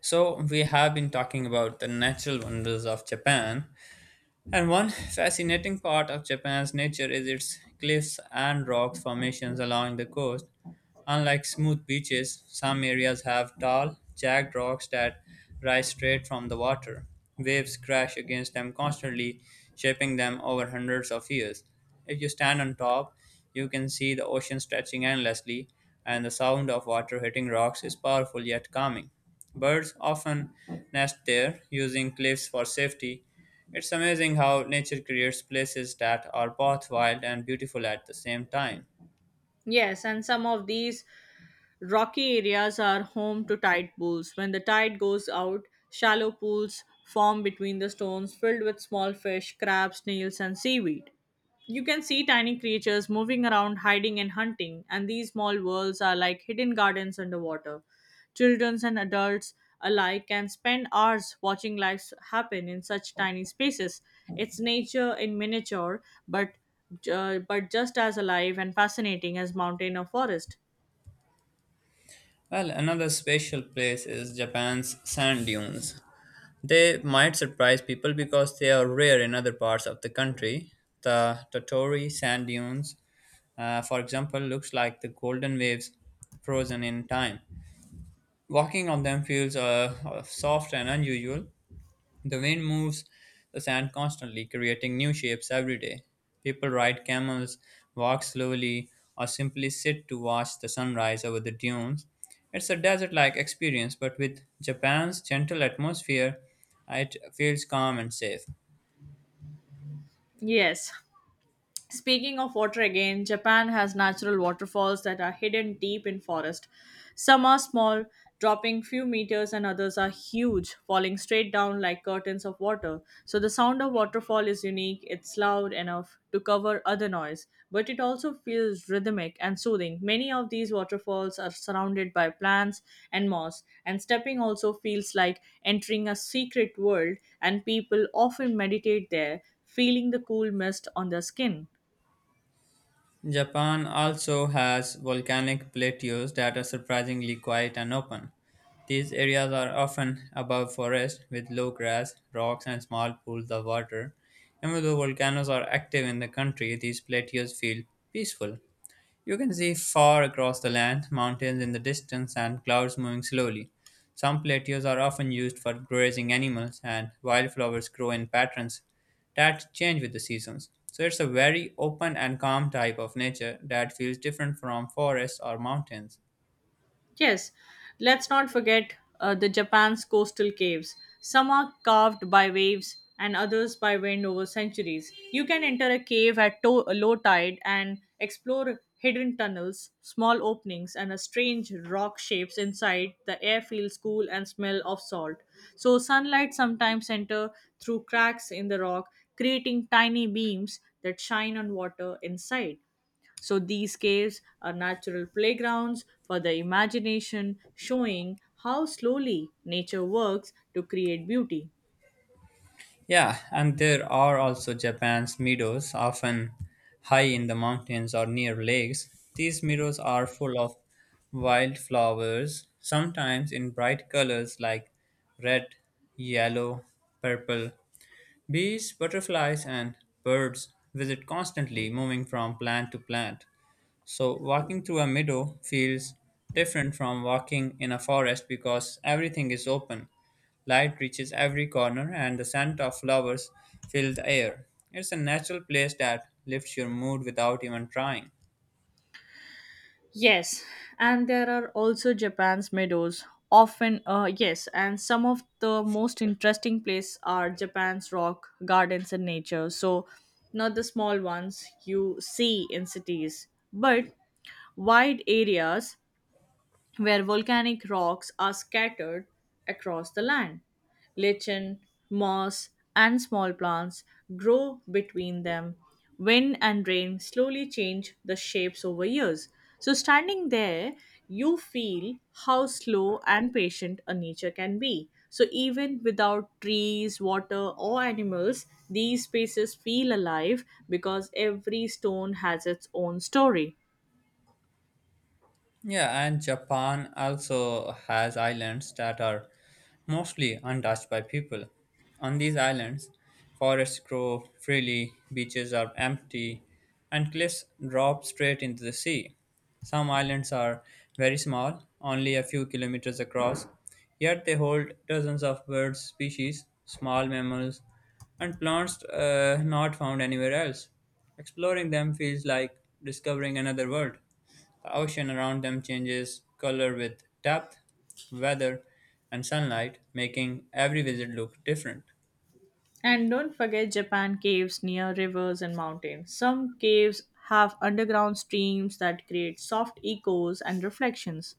So, we have been talking about the natural wonders of Japan, and one fascinating part of Japan's nature is its cliffs and rock formations along the coast. Unlike smooth beaches, some areas have tall, jagged rocks that rise straight from the water. Waves crash against them constantly, shaping them over hundreds of years. If you stand on top, you can see the ocean stretching endlessly, and the sound of water hitting rocks is powerful yet calming. Birds often nest there, using cliffs for safety. It's amazing how nature creates places that are both wild and beautiful at the same time. Yes, and some of these rocky areas are home to tide pools. When the tide goes out, shallow pools form between the stones filled with small fish, crabs, snails, and seaweed. You can see tiny creatures moving around, hiding and hunting, and these small worlds are like hidden gardens underwater. Children and adults alike can spend hours watching life happen in such tiny spaces. It's nature in miniature, but but just as alive and fascinating as mountain or forest. Well, another special place is Japan's sand dunes. They might surprise people because they are rare in other parts of the country. The Totori sand dunes, for example, looks like the golden waves frozen in time. Walking on them feels soft and unusual, the wind moves the sand constantly, creating new shapes every day. People ride camels, walk slowly, or simply sit to watch the sunrise over the dunes. It's a desert like experience, but with Japan's gentle atmosphere, it feels calm and safe. Yes. Speaking of water again, Japan has natural waterfalls that are hidden deep in forest. Some are small, dropping few meters, and others are huge, falling straight down like curtains of water. So the sound of waterfall is unique, it's loud enough to cover other noise, but it also feels rhythmic and soothing. Many of these waterfalls are surrounded by plants and moss, and stepping also feels like entering a secret world, and people often meditate there, feeling the cool mist on their skin. Japan also has volcanic plateaus that are surprisingly quiet and open. These areas are often above forest with low grass, rocks, and small pools of water. Even though volcanoes are active in the country, these plateaus feel peaceful. You can see far across the land, mountains in the distance, and clouds moving slowly. Some plateaus are often used for grazing animals, and wildflowers grow in patterns that change with the seasons. So it's a very open and calm type of nature that feels different from forests or mountains. Yes, let's not forget the Japan's coastal caves. Some are carved by waves and others by wind over centuries. You can enter a cave at low tide and explore hidden tunnels, small openings, and a strange rock shapes inside. The air feels cool and smell of salt. So sunlight sometimes enter through cracks in the rock, creating tiny beams that shine on water inside. So these caves are natural playgrounds for the imagination, showing how slowly nature works to create beauty. Yeah, and there are also Japan's meadows, often high in the mountains or near lakes. These meadows are full of wildflowers, sometimes in bright colors like red, yellow, purple. Bees, butterflies, and birds visit constantly, moving from plant to plant. So, walking through a meadow feels different from walking in a forest because everything is open. Light reaches every corner, and the scent of flowers fills the air. It's a natural place that lifts your mood without even trying. Yes, and there are also Japan's meadows. Yes, and some of the most interesting places are Japan's rock gardens and nature. So, not the small ones you see in cities, but wide areas where volcanic rocks are scattered across the land. Lichen, moss, and small plants grow between them. Wind and rain slowly change the shapes over years. So, standing there, you feel how slow and patient a nature can be. So, even without trees, water, or animals, these spaces feel alive because every stone has its own story. Yeah, and Japan also has islands that are mostly untouched by people. On these islands, forests grow freely, beaches are empty, and cliffs drop straight into the sea. Some islands are very small, only a few kilometers across, yet they hold dozens of bird species, small mammals, and plants not found anywhere else. Exploring them feels like discovering another world. The ocean around them changes color with depth, weather, and sunlight, making every visit look different. And don't forget Japan caves near rivers and mountains. Some caves have underground streams that create soft echoes and reflections.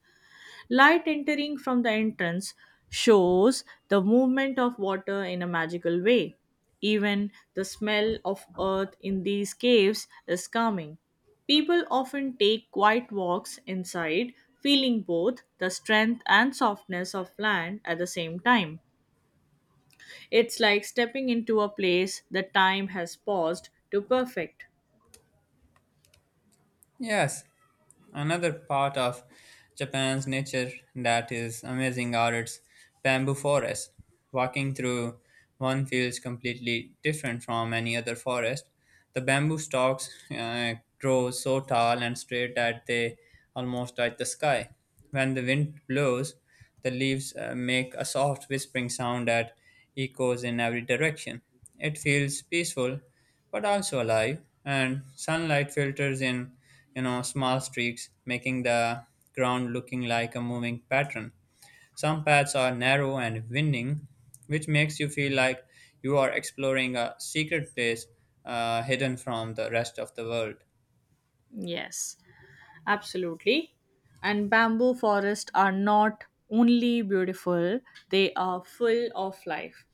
Light entering from the entrance shows the movement of water in a magical way. Even the smell of earth in these caves is calming. People often take quiet walks inside, feeling both the strength and softness of land at the same time. It's like stepping into a place that time has paused to perfect. Yes, another part of Japan's nature that is amazing are its bamboo forests. Walking through one feels completely different from any other forest. The bamboo stalks grow so tall and straight that they almost touch the sky. When the wind blows, the leaves make a soft whispering sound that echoes in every direction. It feels peaceful but also alive, and sunlight filters in small streaks, making the ground looking like a moving pattern. Some paths are narrow and winding, which makes you feel like you are exploring a secret place, hidden from the rest of the world. Yes, absolutely. And bamboo forests are not only beautiful, they are full of life.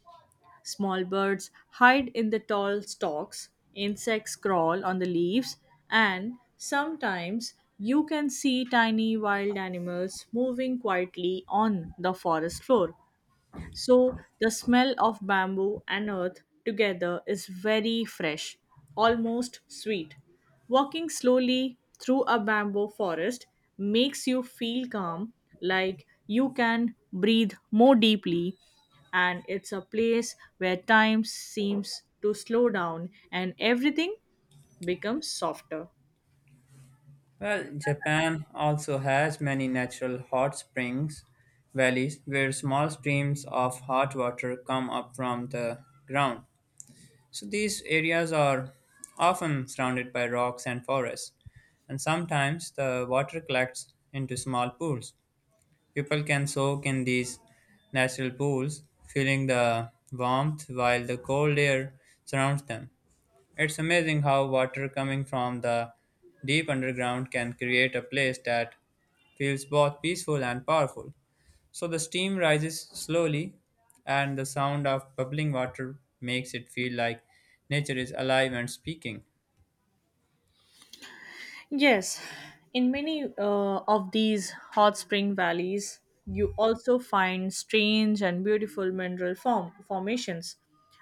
Small birds hide in the tall stalks, insects crawl on the leaves, and sometimes you can see tiny wild animals moving quietly on the forest floor. So the smell of bamboo and earth together is very fresh, almost sweet. Walking slowly through a bamboo forest makes you feel calm, like you can breathe more deeply, and it's a place where time seems to slow down and everything becomes softer. Well, Japan also has many natural hot springs valleys where small streams of hot water come up from the ground. So these areas are often surrounded by rocks and forests, and sometimes the water collects into small pools. People can soak in these natural pools, feeling the warmth while the cold air surrounds them. It's amazing how water coming from the deep underground can create a place that feels both peaceful and powerful. So the steam rises slowly, and the sound of bubbling water makes it feel like nature is alive and speaking. Yes, in many of these hot spring valleys, you also find strange and beautiful formations.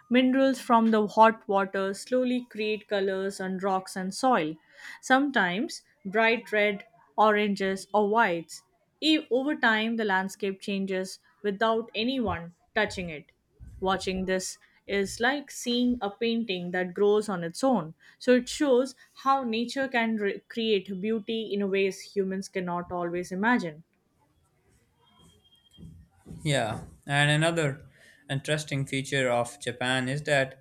Minerals from the hot water slowly create colors on rocks and soil, sometimes bright red, oranges, or whites. Over time, the landscape changes without anyone touching it. Watching this is like seeing a painting that grows on its own. So it shows how nature can create beauty in ways humans cannot always imagine. Yeah, and another interesting feature of Japan is that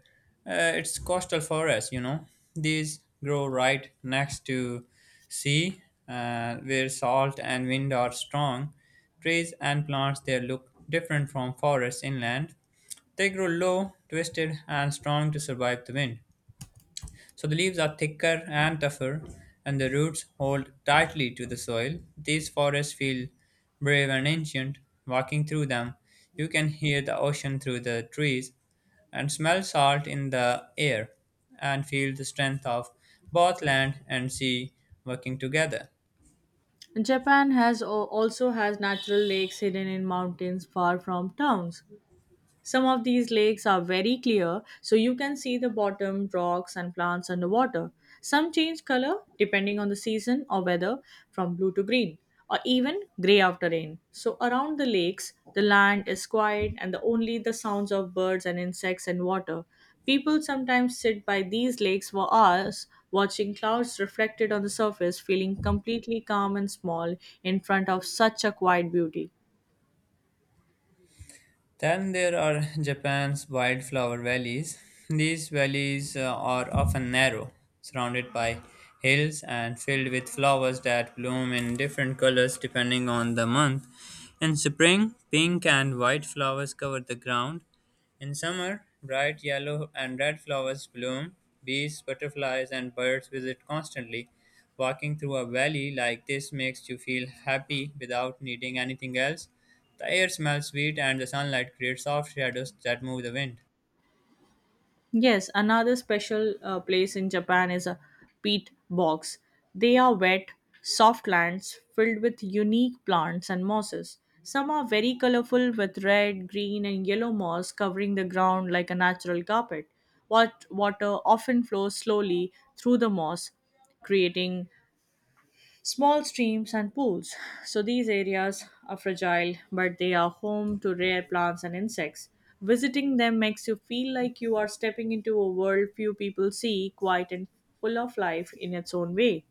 it's coastal forests, These grow right next to sea, where salt and wind are strong. Trees and plants there look different from forests inland. They grow low, twisted, and strong to survive the wind. So the leaves are thicker and tougher, and the roots hold tightly to the soil. These forests feel brave and ancient. Walking through them, you can hear the ocean through the trees and smell salt in the air and feel the strength of both land and sea working together. Japan has also has natural lakes hidden in mountains far from towns. Some of these lakes are very clear, so you can see the bottom, rocks, and plants underwater. Some change color depending on the season or weather from blue to green, or even gray after rain. So, around the lakes, the land is quiet and only the sounds of birds and insects and water. People sometimes sit by these lakes for hours, watching clouds reflected on the surface, feeling completely calm and small in front of such a quiet beauty. Then there are Japan's wildflower valleys. These valleys are often narrow, surrounded by hills and filled with flowers that bloom in different colors depending on the month. In spring, pink and white flowers cover the ground; in summer, bright yellow and red flowers bloom. Bees, butterflies, and birds visit constantly. Walking through a valley like this makes you feel happy without needing anything else. The air smells sweet, and the sunlight creates soft shadows that move the wind. Yes, another special place in Japan is a peat bogs. They are wet, soft lands filled with unique plants and mosses. Some are very colorful with red, green, and yellow moss covering the ground like a natural carpet. Water often flows slowly through the moss, creating small streams and pools. So these areas are fragile, but they are home to rare plants and insects. Visiting them makes you feel like you are stepping into a world few people see, quiet and full of life in its own way.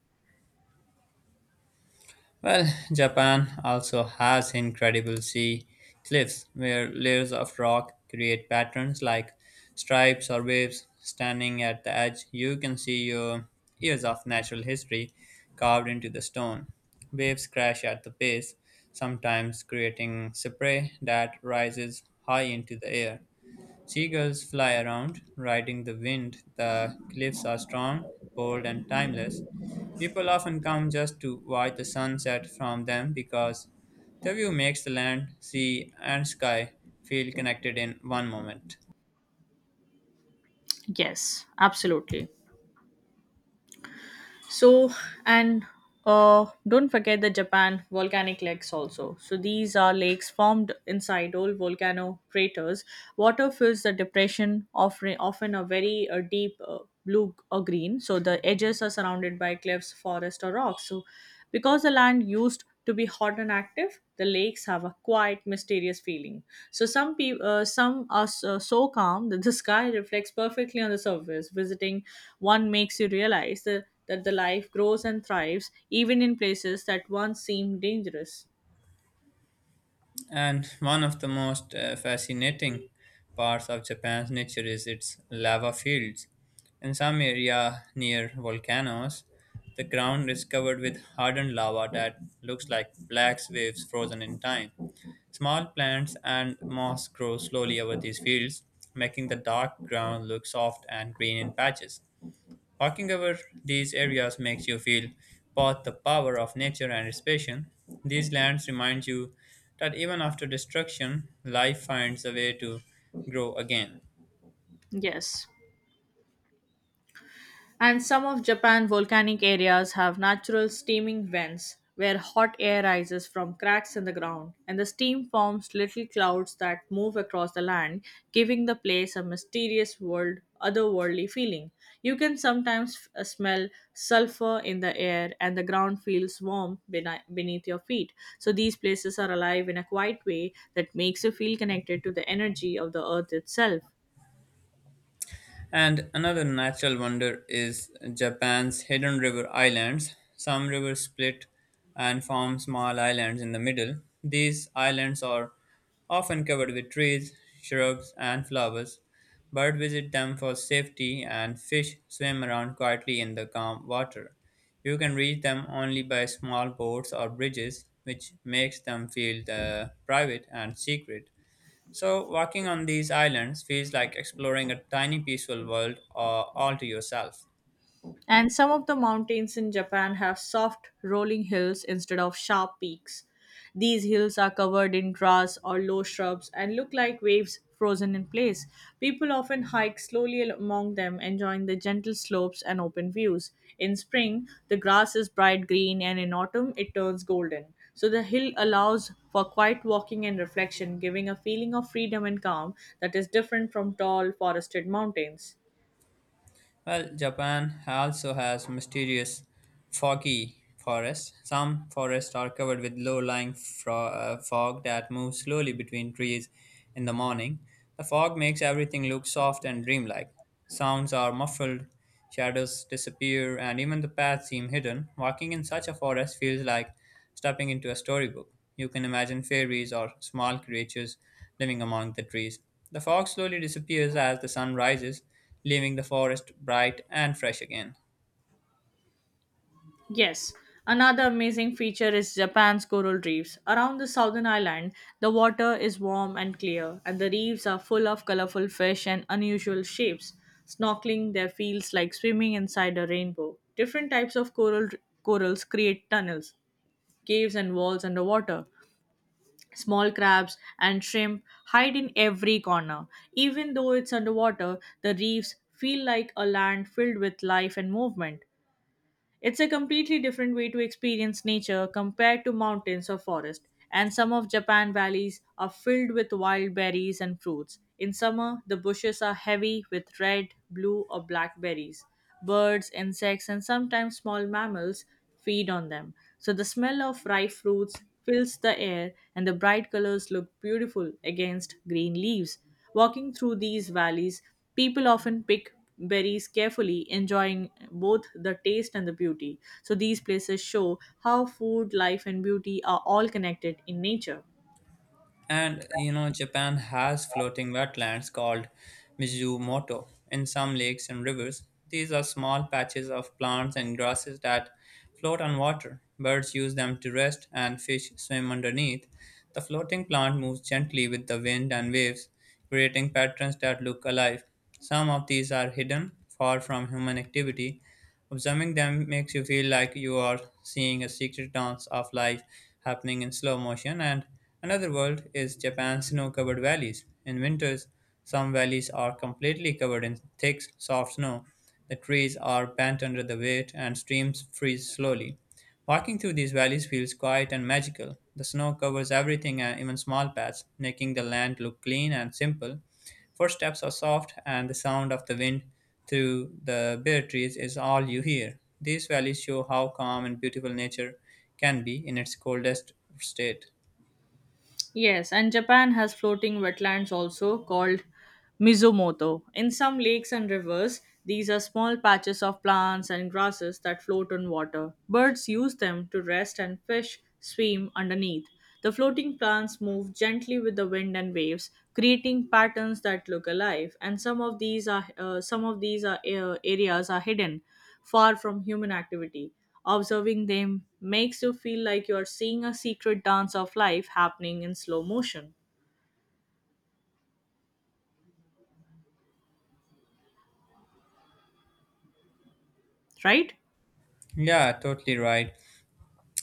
Well, Japan also has incredible sea cliffs where layers of rock create patterns like stripes or waves. Standing at the edge, you can see your years of natural history carved into the stone. Waves crash at the base, sometimes creating spray that rises high into the air. Seagulls fly around, riding the wind. The cliffs are strong, bold, and timeless. People often come just to watch the sunset from them because the view makes the land, sea, and sky feel connected in one moment. Yes, absolutely. So, and Don't forget the Japan volcanic lakes also. So, these are lakes formed inside old volcano craters. Water fills the depression, offering often a very deep blue or green. So, the edges are surrounded by cliffs, forest, or rocks. So, because the land used to be hot and active, the lakes have a quiet, mysterious feeling. So some are so, so calm that the sky reflects perfectly on the surface. Visiting one makes you realize that the life grows and thrives even in places that once seemed dangerous. And one of the most fascinating parts of Japan's nature is its lava fields. In some area near volcanoes, the ground is covered with hardened lava that looks like black waves frozen in time. Small plants and moss grow slowly over these fields, making the dark ground look soft and green in patches. Walking over these areas makes you feel both the power of nature and its passion. These lands remind you that even after destruction, life finds a way to grow again. Yes. And some of Japan's volcanic areas have natural steaming vents where hot air rises from cracks in the ground, and the steam forms little clouds that move across the land, giving the place a mysterious world, otherworldly feeling. You can sometimes smell sulfur in the air, and the ground feels warm beneath your feet. So, these places are alive in a quiet way that makes you feel connected to the energy of the earth itself. And another natural wonder is Japan's hidden river islands. Some rivers split and form small islands in the middle. These islands are often covered with trees, shrubs, and flowers. Birds visit them for safety, and fish swim around quietly in the calm water. You can reach them only by small boats or bridges, which makes them feel private and secret. So, walking on these islands feels like exploring a tiny peaceful world, all to yourself. And some of the mountains in Japan have soft, rolling hills instead of sharp peaks. These hills are covered in grass or low shrubs and look like waves frozen in place. People often hike slowly among them, enjoying the gentle slopes and open views. In spring, the grass is bright green, and in autumn, it turns golden. So the hill allows for quiet walking and reflection, giving a feeling of freedom and calm that is different from tall, forested mountains. Well, Japan also has mysterious foggy forests. Some forests are covered with low lying fog that moves slowly between trees in the morning. The fog makes everything look soft and dreamlike. Sounds are muffled. Shadows disappear, and even the paths seem hidden. Walking in such a forest feels like stepping into a storybook. You can imagine fairies or small creatures living among the trees. The fog slowly disappears as the sun rises, leaving the forest bright and fresh again. Yes, another amazing feature is Japan's coral reefs. Around the southern island, the water is warm and clear, and the reefs are full of colorful fish and unusual shapes. Snorkeling there feels like swimming inside a rainbow. Different types of corals create tunnels, caves, and walls underwater. Small crabs and shrimp hide in every corner. Even though it's underwater, the reefs feel like a land filled with life and movement. It's a completely different way to experience nature compared to mountains or forest, and some of Japan valleys are filled with wild berries and fruits. In summer, the bushes are heavy with red, blue, or black berries. Birds, insects, and sometimes small mammals feed on them. So the smell of ripe fruits fills the air, and the bright colors look beautiful against green leaves. Walking through these valleys, people often pick berries carefully, enjoying both the taste and the beauty. So, these places show how food, life, and beauty are all connected in nature. And you know, Japan has floating wetlands called Mizumoto. In some lakes and rivers, these are small patches of plants and grasses that float on water. Birds use them to rest and fish swim underneath. The floating plant moves gently with the wind and waves, creating patterns that look alive. Some of these are hidden, far from human activity. Observing them makes you feel like you are seeing a secret dance of life happening in slow motion. And another world is Japan's snow-covered valleys. In winters, some valleys are completely covered in thick, soft snow. The trees are bent under the weight, and streams freeze slowly. Walking through these valleys feels quiet and magical. The snow covers everything and even small paths, making the land look clean and simple. Footsteps are soft, and the sound of the wind through the bare trees is all you hear. These valleys show how calm and beautiful nature can be in its coldest state. Yes, and Japan has floating wetlands also called Mizumoto. In some lakes and rivers, these are small patches of plants and grasses that float on water. Birds use them to rest and fish swim underneath. The floating plants move gently with the wind and waves, creating patterns that look alive. And some of these areas are hidden, far from human activity. Observing them makes you feel like you are seeing a secret dance of life happening in slow motion, right? Yeah, totally right.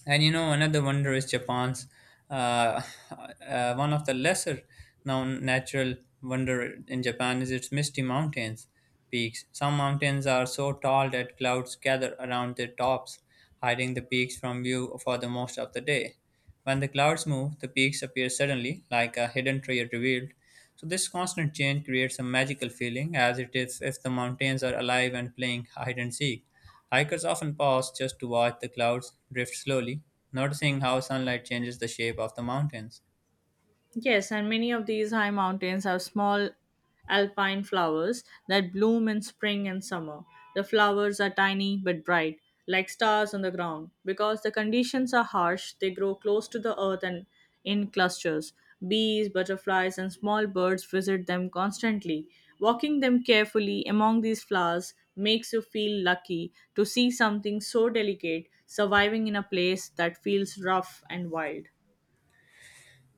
And you know, another wonder is Japan's uh, one of the lesser known natural wonder in Japan is its misty mountains peaks. Some mountains are so tall that clouds gather around their tops, hiding the peaks from view for the most of the day. When the clouds move, the peaks appear suddenly, like a hidden treasure revealed. So this constant change creates a magical feeling, as it is if the mountains are alive and playing hide and seek. Hikers often pause just to watch the clouds drift slowly, noticing how sunlight changes the shape of the mountains. Yes, and many of these high mountains have small alpine flowers that bloom in spring and summer. The flowers are tiny but bright, like stars on the ground. Because the conditions are harsh, they grow close to the earth and in clusters. Bees, butterflies, and small birds visit them constantly. Walking them carefully among these flowers makes you feel lucky to see something so delicate surviving in a place that feels rough and wild.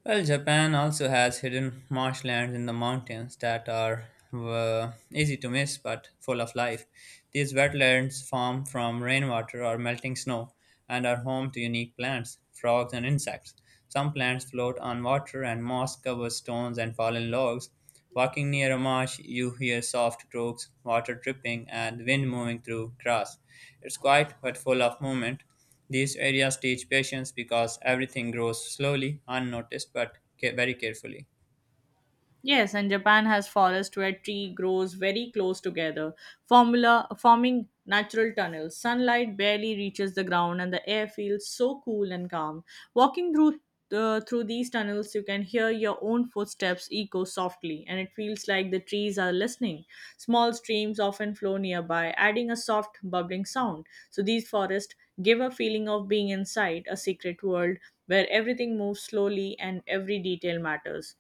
Well, Japan also has hidden marshlands in the mountains that are easy to miss but full of life. These wetlands form from rainwater or melting snow and are home to unique plants, frogs, and insects. Some plants float on water, and moss covers stones and fallen logs. Walking near a marsh, you hear soft brooks, water dripping, and wind moving through grass. It's quiet but full of movement. These areas teach patience because everything grows slowly, unnoticed, but very carefully. Yes, and Japan has forests where tree grows very close together, formula forming natural tunnels. Sunlight barely reaches the ground, and the air feels so cool and calm. Walking through these tunnels, you can hear your own footsteps echo softly, and it feels like the trees are listening. Small streams often flow nearby, adding a soft bubbling sound. So these forests give a feeling of being inside a secret world where everything moves slowly and every detail matters.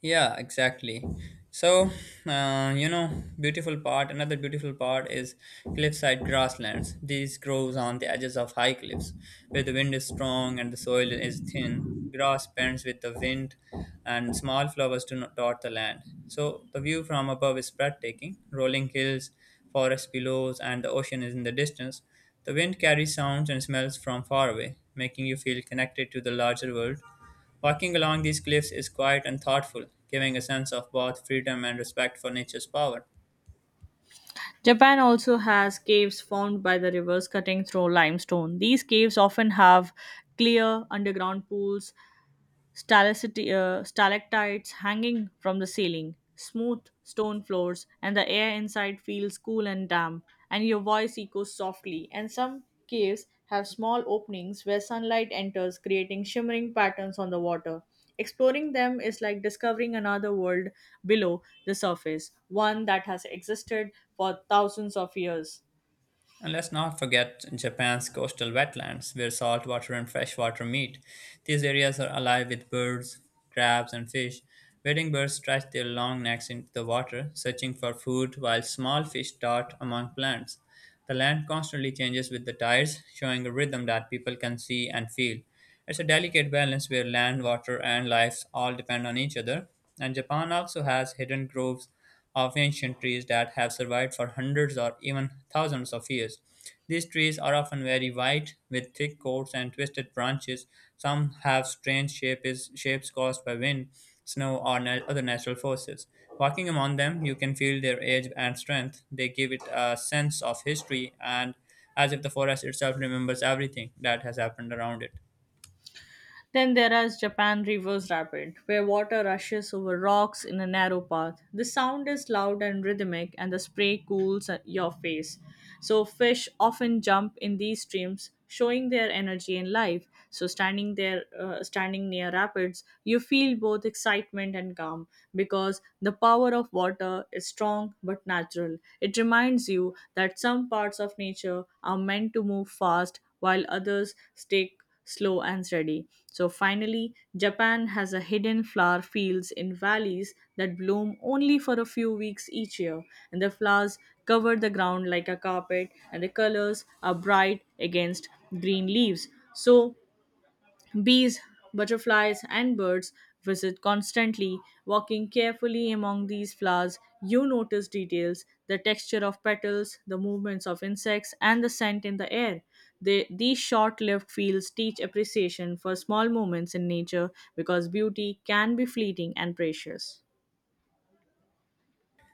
Yeah, exactly. So, you know, another beautiful part is cliffside grasslands. These grows on the edges of high cliffs where the wind is strong and the soil is thin. Grass bends with the wind and small flowers do not dot the land. So, the view from above is breathtaking. Rolling hills, forest below, and the ocean is in the distance. The wind carries sounds and smells from far away, making you feel connected to the larger world. Walking along these cliffs is quiet and thoughtful, giving a sense of both freedom and respect for nature's power. Japan also has caves formed by the rivers cutting through limestone. These caves often have clear underground pools stalactites hanging from the ceiling, smooth stone floors, and the air inside feels cool and damp, and your voice echoes softly. And some caves have small openings where sunlight enters, creating shimmering patterns on the water. Exploring them is like discovering another world below the surface, one that has existed for thousands of years. And let's not forget Japan's coastal wetlands, where saltwater and freshwater meet. These areas are alive with birds, crabs, and fish. Wading birds stretch their long necks into the water, searching for food, while small fish dart among plants. The land constantly changes with the tides, showing a rhythm that people can see and feel. It's a delicate balance where land, water, and life all depend on each other. And Japan also has hidden groves of ancient trees that have survived for hundreds or even thousands of years. These trees are often very wide, with thick coats and twisted branches. Some have strange shapes caused by wind, snow, or other natural forces. Walking among them, you can feel their age and strength. They give it a sense of history and as if the forest itself remembers everything that has happened around it. Then there is Japan Reverse Rapid, where water rushes over rocks in a narrow path. The sound is loud and rhythmic, and the spray cools at your face. So, fish often jump in these streams, showing their energy and life. So, standing near rapids, you feel both excitement and calm because the power of water is strong but natural. It reminds you that some parts of nature are meant to move fast while others stake slow and steady. So finally, Japan has a hidden flower fields in valleys that bloom only for a few weeks each year, and the flowers cover the ground like a carpet, and the colors are bright against green leaves. So bees, butterflies, and birds visit constantly. Walking carefully among these flowers, you notice details the texture of petals, the movements of insects, and the scent in the air. These short lived fields teach appreciation for small moments in nature because beauty can be fleeting and precious.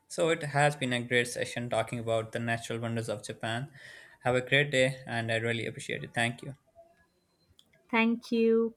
So it has been a great session talking about the natural wonders of Japan. Have a great day, and I really appreciate it. Thank you. Thank you.